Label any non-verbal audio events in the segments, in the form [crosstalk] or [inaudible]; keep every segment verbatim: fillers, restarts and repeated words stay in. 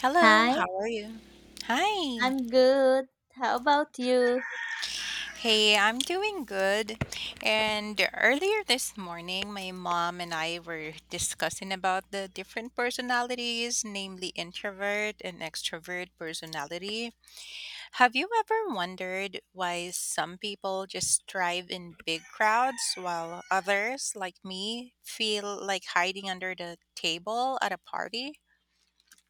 Hello, Hi, how are you? Hi. I'm good. How about you? Hey, I'm doing good. And earlier this morning, my mom and I were discussing about the different personalities, namely introvert and extrovert personality. Have you ever wondered why some people just thrive in big crowds while others, like me, feel like hiding under the table at a party?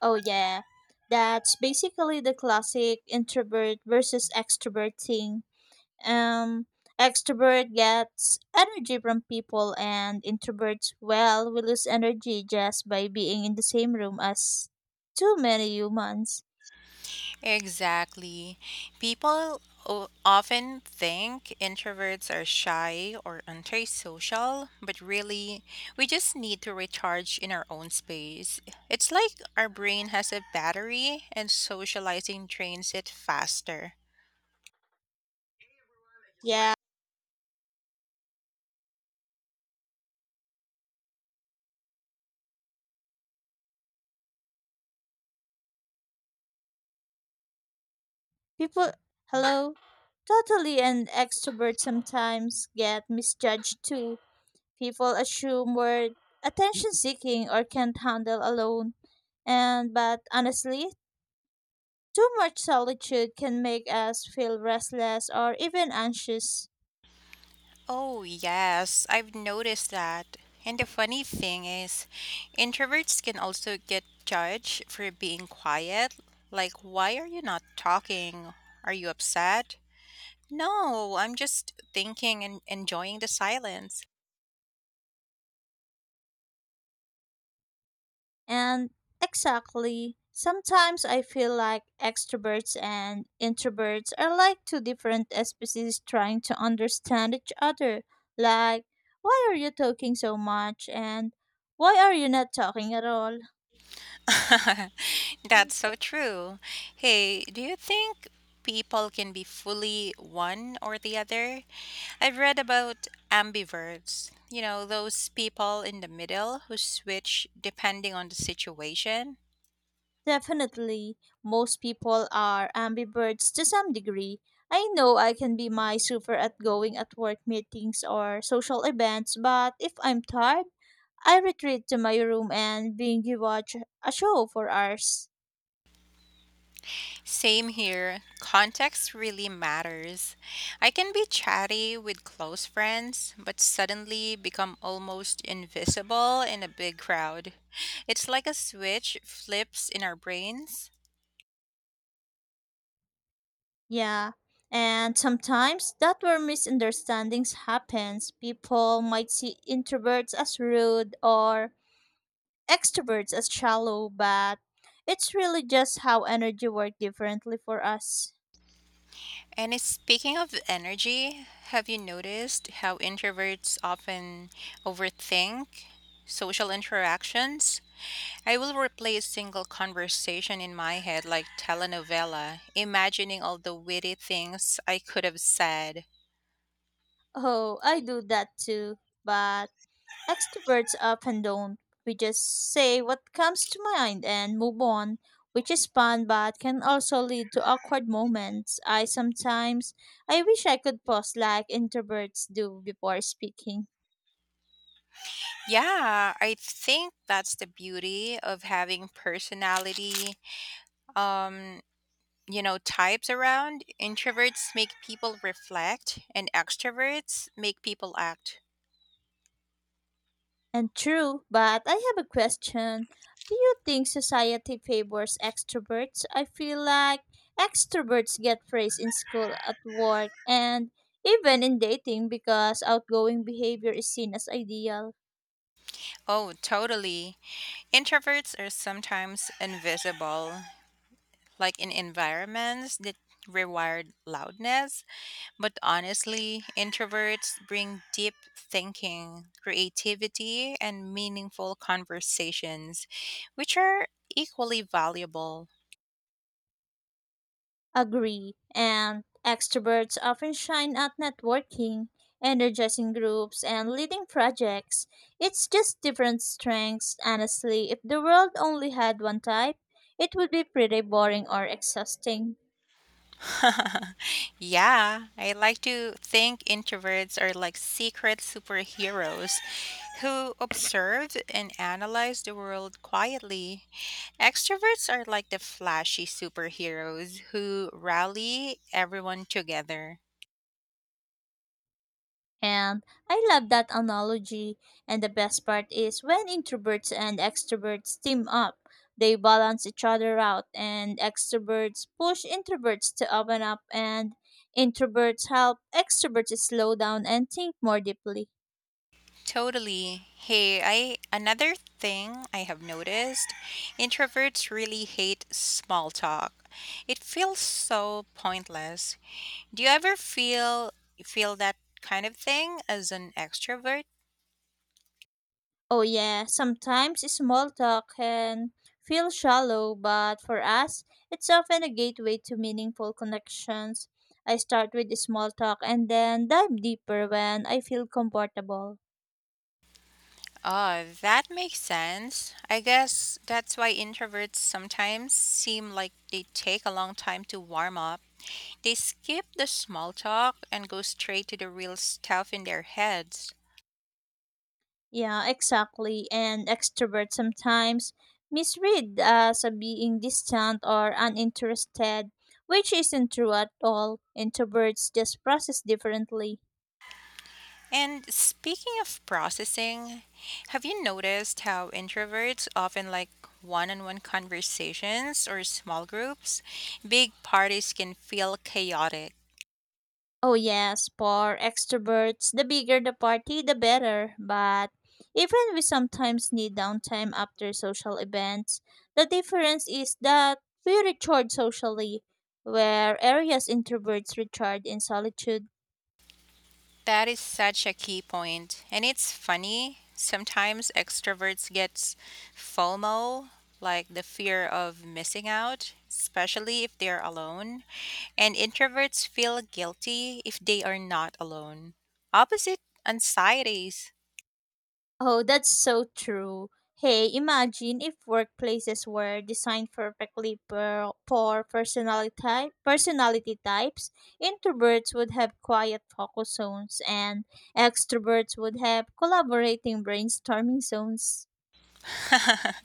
Oh, yeah. That's basically the classic introvert versus extrovert thing. Um, Extrovert gets energy from people, and introverts, well, we lose energy just by being in the same room as too many humans. Exactly. People o- often think introverts are shy or antisocial, but really, we just need to recharge in our own space. It's like our brain has a battery and socializing drains it faster. Yeah, people, hello? Totally, and extroverts sometimes get misjudged too. People assume we're attention seeking or can't handle alone, and but honestly too much solitude can make us feel restless or even anxious. Oh, yes, I've noticed that. And the funny thing is, introverts can also get judged for being quiet. Like, why are you not talking? Are you upset? No, I'm just thinking and enjoying the silence. And exactly, sometimes I feel like extroverts and introverts are like two different species trying to understand each other, like why are you talking so much and why are you not talking at all? [laughs] That's so true. Hey, do you think people can be fully one or the other? I've read about ambiverts, you know, those people in the middle who switch depending on the situation. Definitely, most people are ambiverts to some degree. I know I can be my super at going at work meetings or social events, but if I'm tired, I retreat to my room and binge watch a show for hours. Same here. Context really matters. I can be chatty with close friends, but suddenly become almost invisible in a big crowd. It's like a switch flips in our brains. Yeah. And sometimes that where misunderstandings happens. People might see introverts as rude or extroverts as shallow, but it's really just how energy works differently for us. And it's- speaking of energy, have you noticed how introverts often overthink social interactions? I will replay a single conversation in my head like telenovela, imagining all the witty things I could have said. Oh, I do that too, but extroverts often don't. We just say what comes to mind and move on, which is fun but can also lead to awkward moments. I sometimes I wish I could pause like introverts do before speaking. Yeah, I think that's the beauty of having personality, um, you know, types around. Introverts make people reflect, and extroverts make people act. And true, but I have a question. Do you think society favors extroverts? I feel like extroverts get praise in school, at work, and even in dating because outgoing behavior is seen as ideal. Oh, totally. Introverts are sometimes invisible, like in environments that require loudness. But honestly, introverts bring deep thinking, creativity, and meaningful conversations, which are equally valuable. Agree. And extroverts often shine at networking, energizing groups, and leading projects. It's just different strengths, honestly. If the world only had one type, it would be pretty boring or exhausting. [laughs] Yeah, I like to think introverts are like secret superheroes who observe and analyze the world quietly. Extroverts are like the flashy superheroes who rally everyone together. And I love that analogy. And the best part is when introverts and extroverts team up, they balance each other out, and extroverts push introverts to open up, and introverts help extroverts slow down and think more deeply. Totally. Hey, I another thing I have noticed, introverts really hate small talk. It feels so pointless. Do you ever feel feel that kind of thing as an extrovert? Oh, yeah, sometimes small talk can feel shallow, but for us, it's often a gateway to meaningful connections. I start with small talk and then dive deeper when I feel comfortable. Oh, that makes sense. I guess that's why introverts sometimes seem like they take a long time to warm up. They skip the small talk and go straight to the real stuff in their heads. Yeah, exactly. And extroverts sometimes misread as a being distant or uninterested, which isn't true at all. Introverts just process differently. And speaking of processing, have you noticed how introverts often like one on one conversations or small groups? Big parties can feel chaotic. Oh, yes, for extroverts, the bigger the party, the better. But even we sometimes need downtime after social events. The difference is that we recharge socially, where areas introverts recharge in solitude. That is such a key point. And it's funny, sometimes extroverts get FOMO, like the fear of missing out, especially if they're alone. And introverts feel guilty if they are not alone. Opposite anxieties. Oh, that's so true. Hey, imagine if workplaces were designed perfectly per, for personality type, personality types. Introverts would have quiet focus zones and extroverts would have collaborating brainstorming zones. [laughs]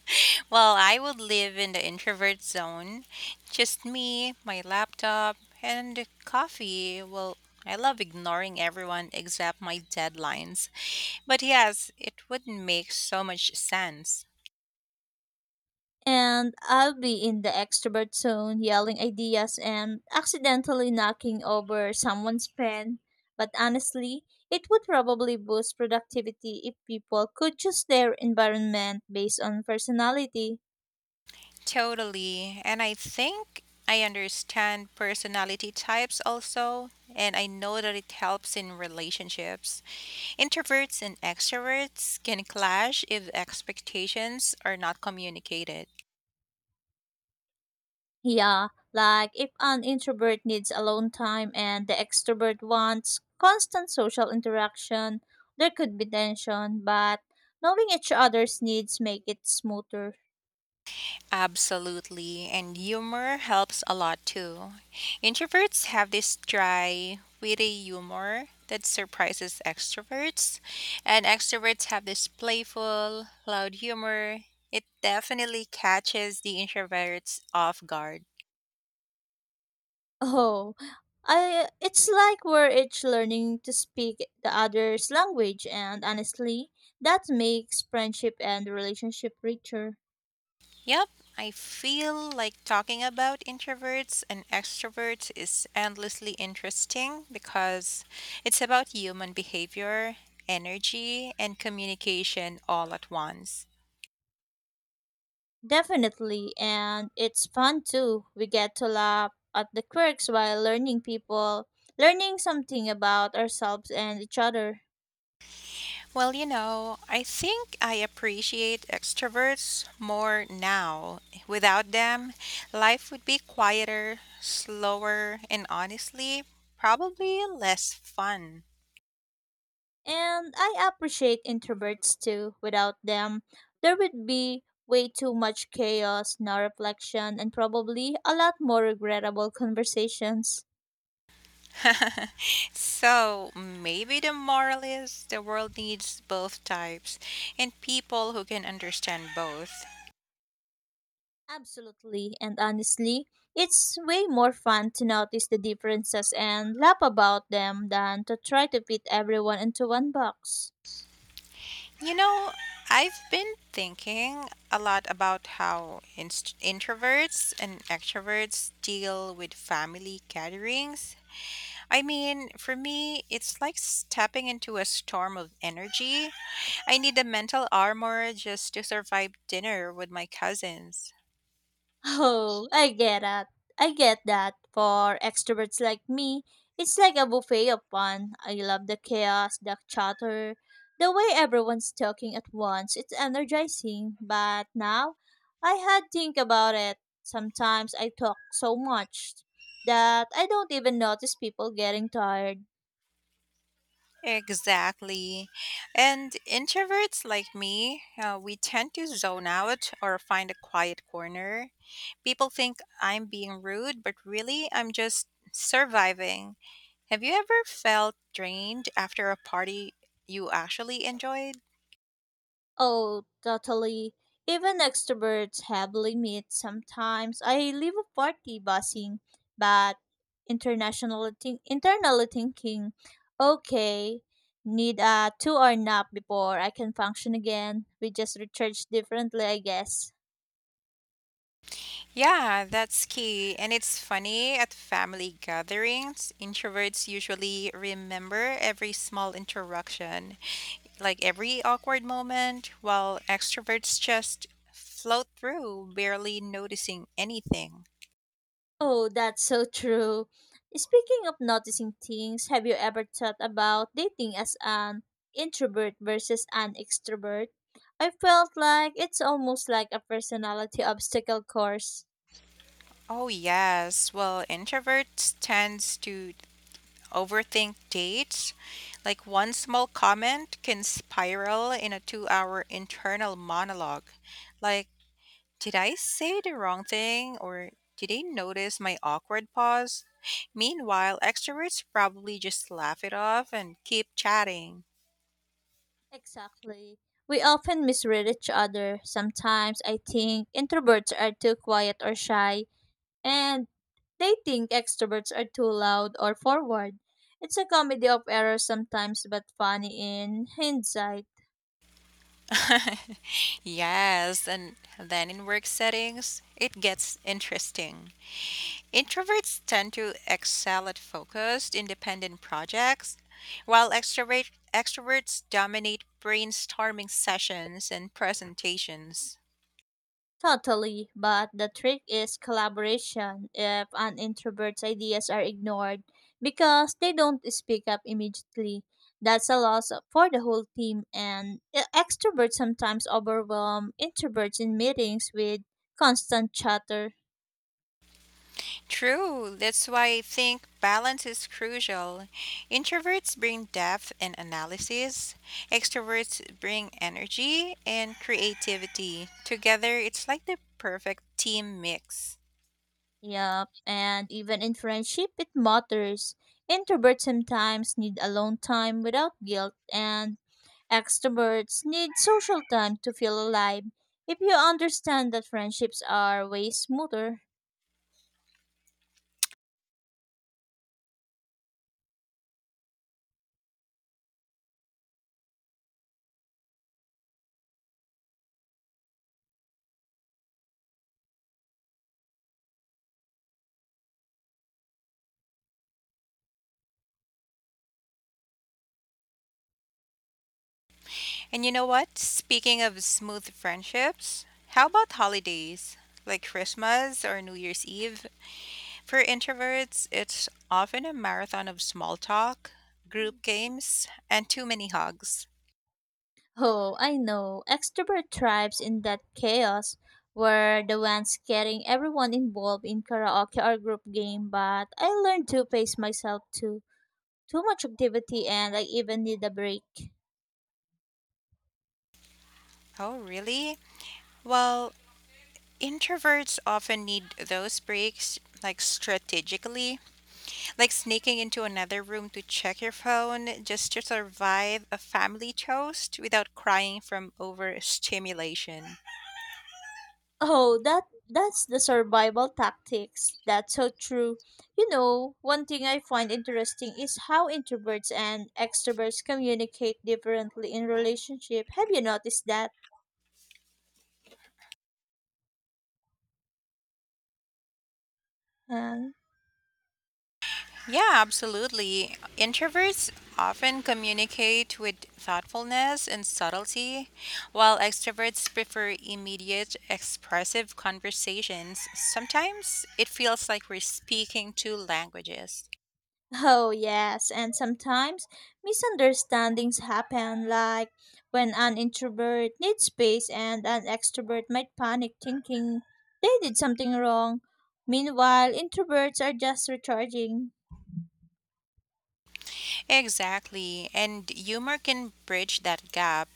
Well, I would live in the introvert zone. Just me, my laptop, and coffee. Well, I love ignoring everyone except my deadlines. But yes, it would make so much sense. And I'll be in the extrovert zone yelling ideas and accidentally knocking over someone's pen. But honestly, it would probably boost productivity if people could choose their environment based on personality. Totally. And I think I understand personality types also, and I know that it helps in relationships. Introverts and extroverts can clash if expectations are not communicated. Yeah, like if an introvert needs alone time and the extrovert wants constant social interaction, there could be tension, but knowing each other's needs make it smoother. Absolutely, and humor helps a lot too. Introverts have this dry, witty humor that surprises extroverts, and extroverts have this playful, loud humor. It definitely catches the introverts off guard. Oh, I, it's like we're each learning to speak the other's language, and honestly, that makes friendship and relationship richer. Yep, I feel like talking about introverts and extroverts is endlessly interesting because it's about human behavior, energy, and communication all at once. Definitely, and it's fun too. We get to laugh at the quirks while learning people, learning something about ourselves and each other. Well, you know, I think I appreciate extroverts more now. Without them, life would be quieter, slower, and honestly, probably less fun. And I appreciate introverts too. Without them, there would be way too much chaos, no reflection, and probably a lot more regrettable conversations. [laughs] So maybe the moral is the world needs both types and people who can understand both. Absolutely, and honestly, it's way more fun to notice the differences and laugh about them than to try to fit everyone into one box. You know, I've been thinking a lot about how inst- introverts and extroverts deal with family gatherings. I mean, for me, it's like stepping into a storm of energy. I need a mental armor just to survive dinner with my cousins. Oh, I get that. I get that. For extroverts like me, it's like a buffet of fun. I love the chaos, the chatter, the way everyone's talking at once. It's energizing. But now, I had think about it. Sometimes I talk so much that I don't even notice people getting tired. Exactly. And introverts like me, uh, we tend to zone out or find a quiet corner. People think I'm being rude, but really, I'm just surviving. Have you ever felt drained after a party you actually enjoyed? Oh, totally. Even extroverts have limits sometimes. I live a party buzzing, but international think- internally thinking, okay, need a two hour nap before I can function again. We just recharge differently, I guess. Yeah, that's key. And it's funny at family gatherings, introverts usually remember every small interaction, like every awkward moment, while extroverts just float through, barely noticing anything. Oh, that's so true. Speaking of noticing things, have you ever thought about dating as an introvert versus an extrovert? I felt like it's almost like a personality obstacle course. Oh, yes. Well, introverts tends to overthink dates. Like one small comment can spiral in a 2-hour internal monologue. Like, did I say the wrong thing or did they notice my awkward pause? Meanwhile, extroverts probably just laugh it off and keep chatting. Exactly. We often misread each other. Sometimes I think introverts are too quiet or shy, and they think extroverts are too loud or forward. It's a comedy of errors sometimes, but funny in hindsight. [laughs] Yes, and then in work settings, it gets interesting. Introverts tend to excel at focused, independent projects, while extrovert, extroverts dominate brainstorming sessions and presentations. Totally, but the trick is collaboration if an introvert's ideas are ignored because they don't speak up immediately. That's a loss for the whole team, and e- extroverts sometimes overwhelm introverts in meetings with constant chatter. True. That's why I think balance is crucial. Introverts bring depth and analysis, extroverts bring energy and creativity. Together, it's like the perfect team mix. Yep, and even in friendship, it matters. Introverts sometimes need alone time without guilt, and extroverts need social time to feel alive. If you understand that friendships are way smoother. [laughs] And you know what? Speaking of smooth friendships, how about holidays like Christmas or New Year's Eve? For introverts, it's often a marathon of small talk, group games, and too many hugs. Oh, I know. Extrovert thrives in that chaos where the ones getting everyone involved in karaoke or group game, but I learned to pace myself too. Too much activity, and I even need a break. Oh, really? Well, introverts often need those breaks, like strategically, like sneaking into another room to check your phone just to survive a family toast without crying from overstimulation. Oh, that that's the survival tactics. That's so true. You know, one thing I find interesting is how introverts and extroverts communicate differently in relationship. Have you noticed that? Um, Yeah, absolutely. Introverts often communicate with thoughtfulness and subtlety, while extroverts prefer immediate, expressive conversations. Sometimes it feels like we're speaking two languages. [laughs] oh, yes, and sometimes misunderstandings happen like when an introvert needs space and an extrovert might panic thinking they did something wrong. Meanwhile, introverts are just recharging. Exactly, and humor can bridge that gap.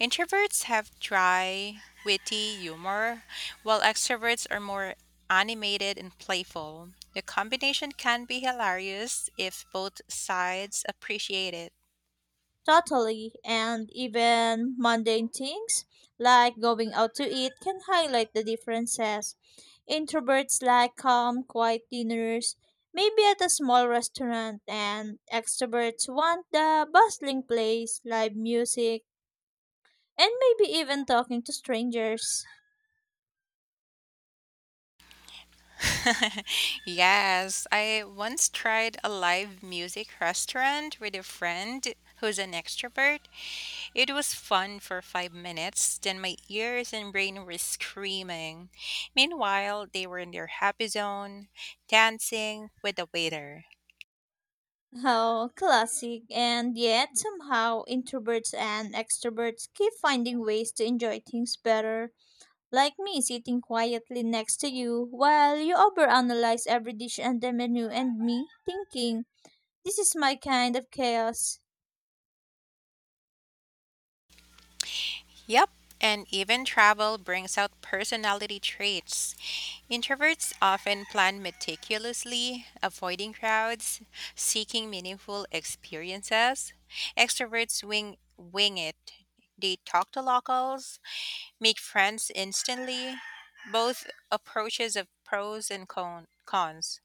Introverts have dry, witty humor, while extroverts are more animated and playful. The combination can be hilarious if both sides appreciate it. Totally, and even mundane things like going out to eat can highlight the differences. Introverts like calm, quiet dinners, maybe at a small restaurant, and extroverts want the bustling place, live music, and maybe even talking to strangers. [laughs] Yes, I once tried a live music restaurant with a friend who's an extrovert. It was fun for five minutes, then my ears and brain were screaming. Meanwhile, they were in their happy zone, dancing with the waiter. How classic, and yet somehow introverts and extroverts keep finding ways to enjoy things better. Like me sitting quietly next to you while you overanalyze every dish and the menu and me thinking, this is my kind of chaos. Yep, and even travel brings out personality traits. Introverts often plan meticulously, avoiding crowds, seeking meaningful experiences. Extroverts wing wing it. They talk to locals, make friends instantly. Both approaches have pros and con- cons.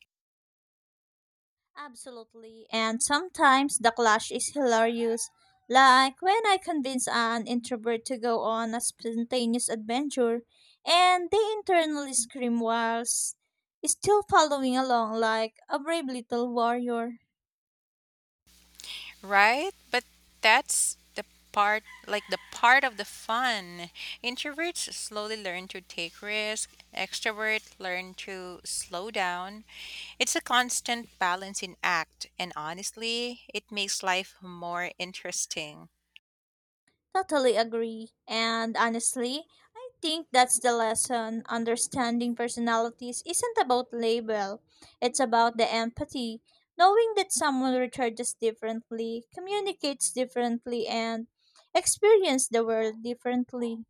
Absolutely. And sometimes the clash is hilarious. Like when I convince an introvert to go on a spontaneous adventure and they internally scream while s- still following along like a brave little warrior. Right? But that's the part, like the part of the fun. Introverts slowly learn to take risk, extroverts learn to slow down. It's a constant balancing act, and honestly, it makes life more interesting. Totally agree. And honestly, I think that's the lesson. Understanding personalities isn't about label. It's about the empathy. Knowing that someone recharges differently, communicates differently, and experience the world differently.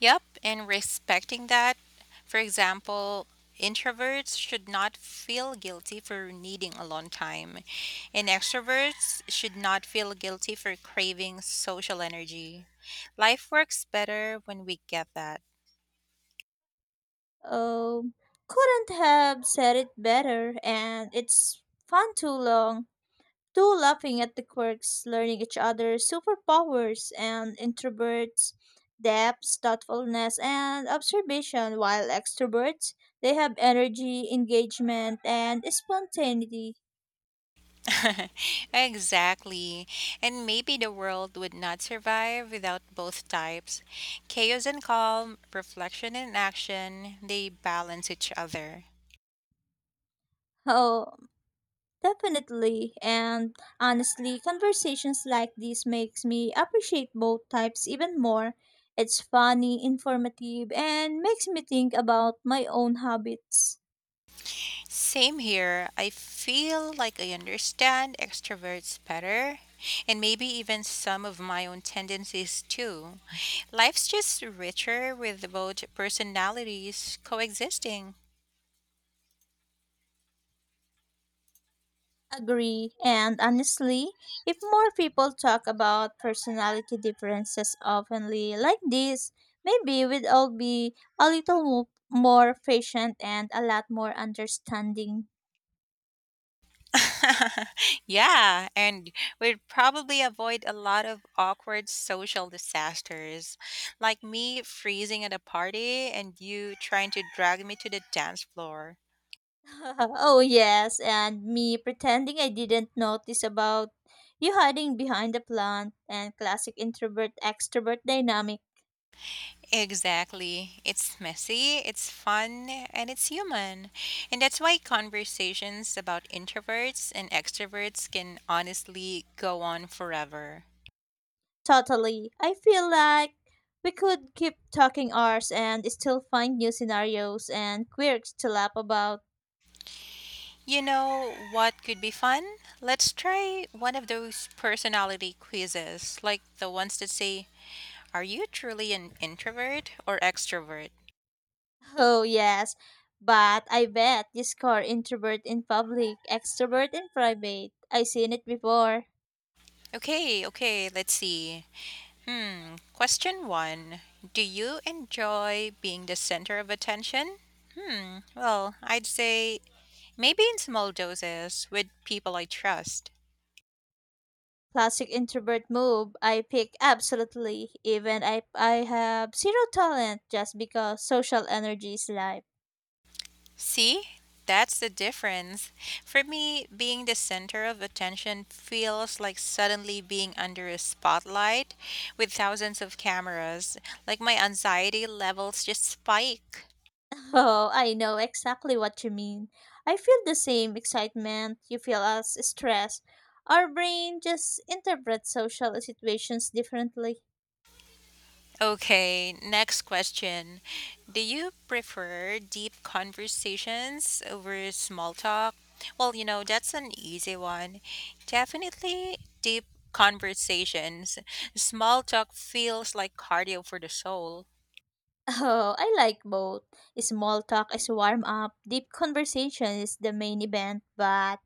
Yep, and respecting that. For example, introverts should not feel guilty for needing alone time, and extroverts should not feel guilty for craving social energy. Life works better when we get that. Um, couldn't have said it better, and it's fun too long. Two laughing at the quirks, learning each other's superpowers and introverts, depth, thoughtfulness, and observation, while extroverts, they have energy, engagement, and spontaneity. [laughs] Exactly. And maybe the world would not survive without both types. Chaos and calm, reflection and action, they balance each other. Oh, definitely. And honestly, conversations like these makes me appreciate both types even more. It's funny, informative, and makes me think about my own habits. Same here. I feel like I understand extroverts better, and maybe even some of my own tendencies too. Life's just richer with both personalities coexisting. Agree. And honestly, if more people talk about personality differences openly like this, maybe we'd all be a little mo- more patient and a lot more understanding. [laughs] Yeah, and we'd probably avoid a lot of awkward social disasters, like me freezing at a party and you trying to drag me to the dance floor. [laughs] Oh, yes. And me pretending I didn't notice about you hiding behind the plant and classic introvert extrovert dynamic. Exactly. It's messy, it's fun, and it's human. And that's why conversations about introverts and extroverts can honestly go on forever. Totally. I feel like we could keep talking ours and still find new scenarios and quirks to laugh about. You know what could be fun? Let's try one of those personality quizzes, like the ones that say, are you truly an introvert or extrovert? Oh, yes. But I bet this core introvert in public, extrovert in private. I seen it before. Okay, okay, let's see. Hmm. Question one. Do you enjoy being the center of attention? Hmm. Well, I'd say maybe in small doses with people I trust. Classic introvert move. I pick absolutely, even if I have zero talent, just because social energy is life. See? That's the difference. For me, being the center of attention feels like suddenly being under a spotlight with thousands of cameras. Like my anxiety levels just spike. [laughs] Oh, I know exactly what you mean. I feel the same excitement you feel as stress. Our brain just interprets social situations differently. [laughs] Okay, next question. Do you prefer deep conversations over small talk? Well, you know, that's an easy one. Definitely deep conversations. Small talk feels like cardio for the soul. Oh, I like both. Small talk is warm up, deep conversation is the main event, but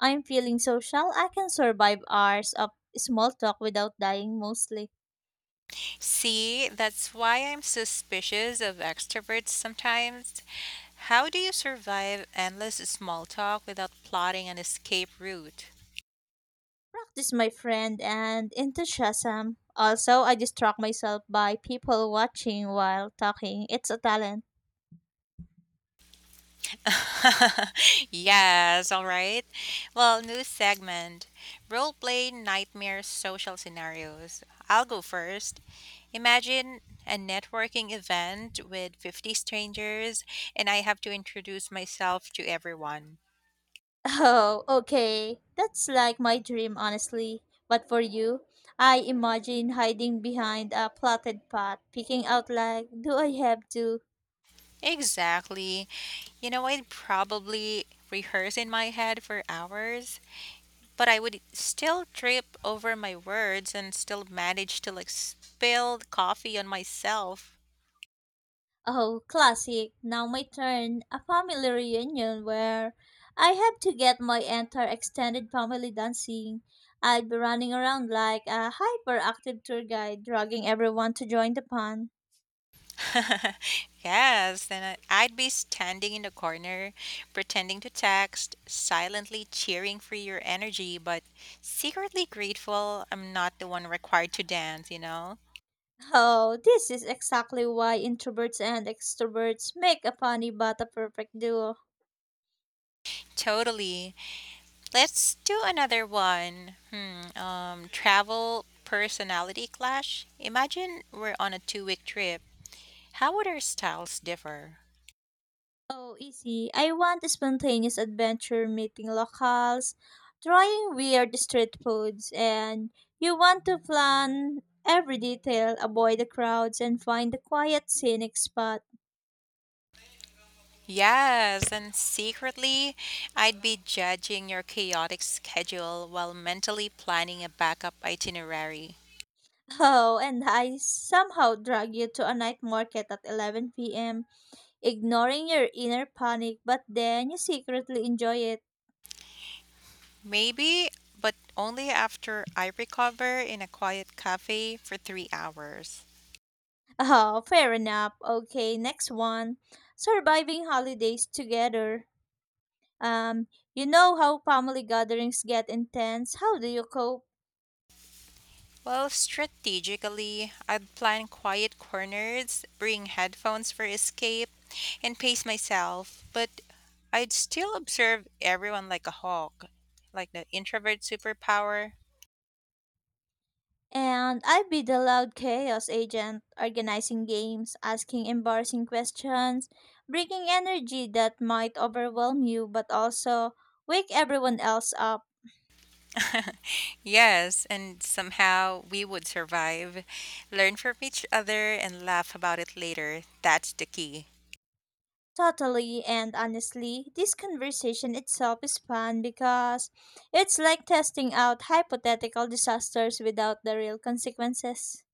I'm feeling social. I can survive hours of small talk without dying mostly. See, that's why I'm suspicious of extroverts sometimes. How do you survive endless small talk without plotting an escape route? Practice my friend and enthusiasm. Also, I distract myself by people watching while talking. It's a talent. [laughs] Yes, all right. Well, new segment role play nightmare social scenarios. I'll go first. Imagine a networking event with fifty strangers, and I have to introduce myself to everyone. Oh, okay. That's like my dream, honestly. But for you, I imagine hiding behind a plotted path, picking out like, do I have to? Exactly. You know, I'd probably rehearse in my head for hours, but I would still trip over my words and still manage to like spill coffee on myself. Oh, classic. Now my turn. A family reunion where I have to get my entire extended family dancing. I'd be running around like a hyperactive tour guide, dragging everyone to join the fun. [laughs] Yes, then I- I'd be standing in the corner, pretending to text, silently cheering for your energy, but secretly grateful I'm not the one required to dance, you know? Oh, this is exactly why introverts and extroverts make a funny but a perfect duo. Totally. Let's do another one. Hmm, um, travel personality clash. Imagine we're on a two week trip. How would our styles differ? Oh, easy. I want a spontaneous adventure meeting locals, trying weird street foods, and you want to plan every detail, avoid the crowds, and find a quiet, scenic spot. Yes, and secretly, I'd be judging your chaotic schedule while mentally planning a backup itinerary. [laughs] Oh, and I somehow drag you to a night market at eleven p m, ignoring your inner panic, but then you secretly enjoy it. Maybe, but only after I recover in a quiet cafe for three hours. [laughs] Oh, fair enough. Okay, next one. Surviving holidays together. Um, you know how family gatherings get intense. How do you cope? Well, strategically, I'd plan quiet corners, bring headphones for escape, and pace myself, but I'd still observe everyone like a hawk, like the introvert superpower. And I'd be the loud chaos agent, organizing games, asking embarrassing questions, bringing energy that might overwhelm you but also wake everyone else up. [laughs] Yes, and somehow we would survive, learn from each other, and laugh about it later. That's the key. Totally and honestly, this conversation itself is fun because it's like testing out hypothetical disasters without the real consequences.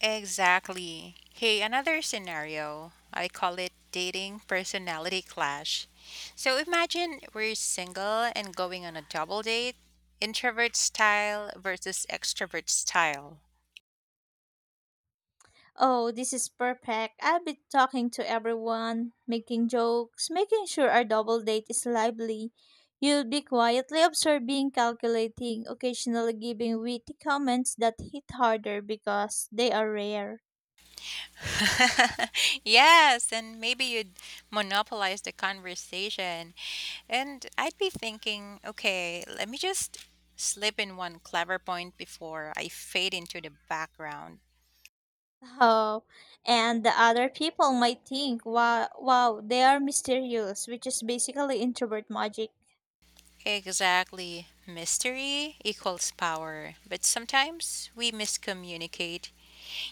Exactly. Hey, another scenario. I call it dating personality clash. So imagine we're single and going on a double date, introvert style versus extrovert style. Oh, this is perfect. I'll be talking to everyone, making jokes, making sure our double date is lively. You'll be quietly observing, calculating, occasionally giving witty comments that hit harder because they are rare. [laughs] Yes, and maybe you'd monopolize the conversation. And I'd be thinking, okay, let me just slip in one clever point before I fade into the background. Oh, and the other people might think, wow, wow, they are mysterious, which is basically introvert magic. Exactly. Mystery equals power, but sometimes we miscommunicate.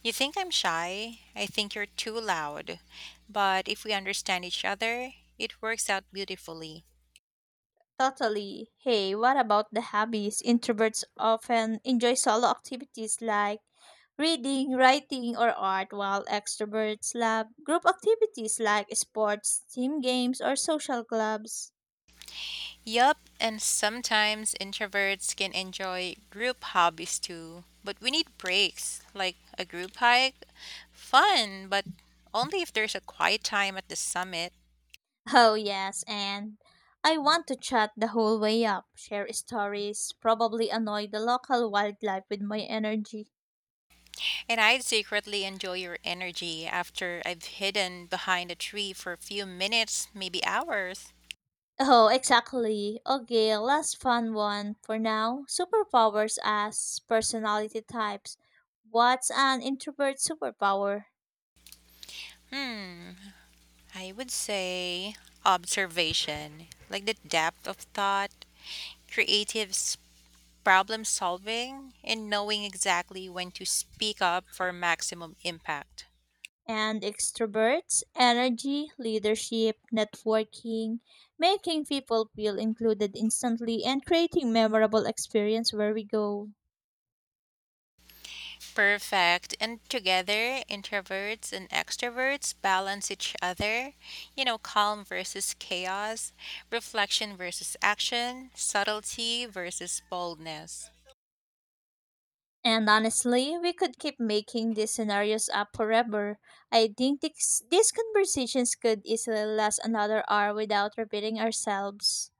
You think I'm shy, I think you're too loud, but if we understand each other, it works out beautifully. Totally. Hey, what about the hobbies? Introverts often enjoy solo activities like reading, writing, or art, while extroverts love group activities like sports, team games, or social clubs. Yup, and sometimes introverts can enjoy group hobbies too, but we need breaks, like a group hike. Fun, but only if there's a quiet time at the summit. Oh, yes, and I want to chat the whole way up, share stories, probably annoy the local wildlife with my energy. And I'd secretly enjoy your energy after I've hidden behind a tree for a few minutes, maybe hours. Oh, exactly. Okay, last fun one for now. Superpowers as personality types. What's an introvert superpower? Hmm. I would say observation, like the depth of thought, creative s- problem solving, and knowing exactly when to speak up for maximum impact. And extroverts, energy, leadership, networking, making people feel included instantly, and creating memorable experience where we go. Perfect. And together, introverts and extroverts balance each other. You know, calm versus chaos, reflection versus action, subtlety versus boldness. And honestly, we could keep making these scenarios up forever. I think this, these conversations could easily last another hour without repeating ourselves.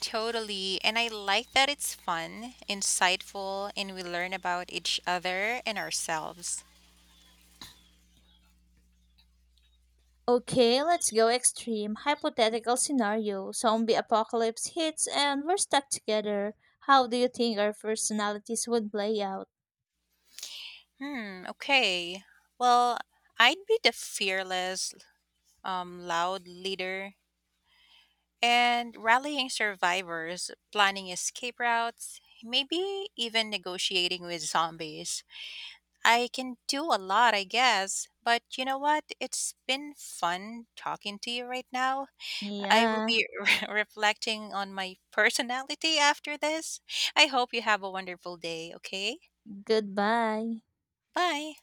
Totally. And I like that it's fun, insightful, and we learn about each other and ourselves. Okay, let's go extreme. Hypothetical scenario. Zombie apocalypse hits and we're stuck together. How do you think our personalities would play out? Hmm, okay. Well, I'd be the fearless, um, loud leader and rallying survivors, planning escape routes, maybe even negotiating with zombies. I can do a lot, I guess. But you know what? It's been fun talking to you right now. I will Yeah, be [laughs] re- reflecting on my personality after this. I hope you have a wonderful day, okay? goodbye. Bye.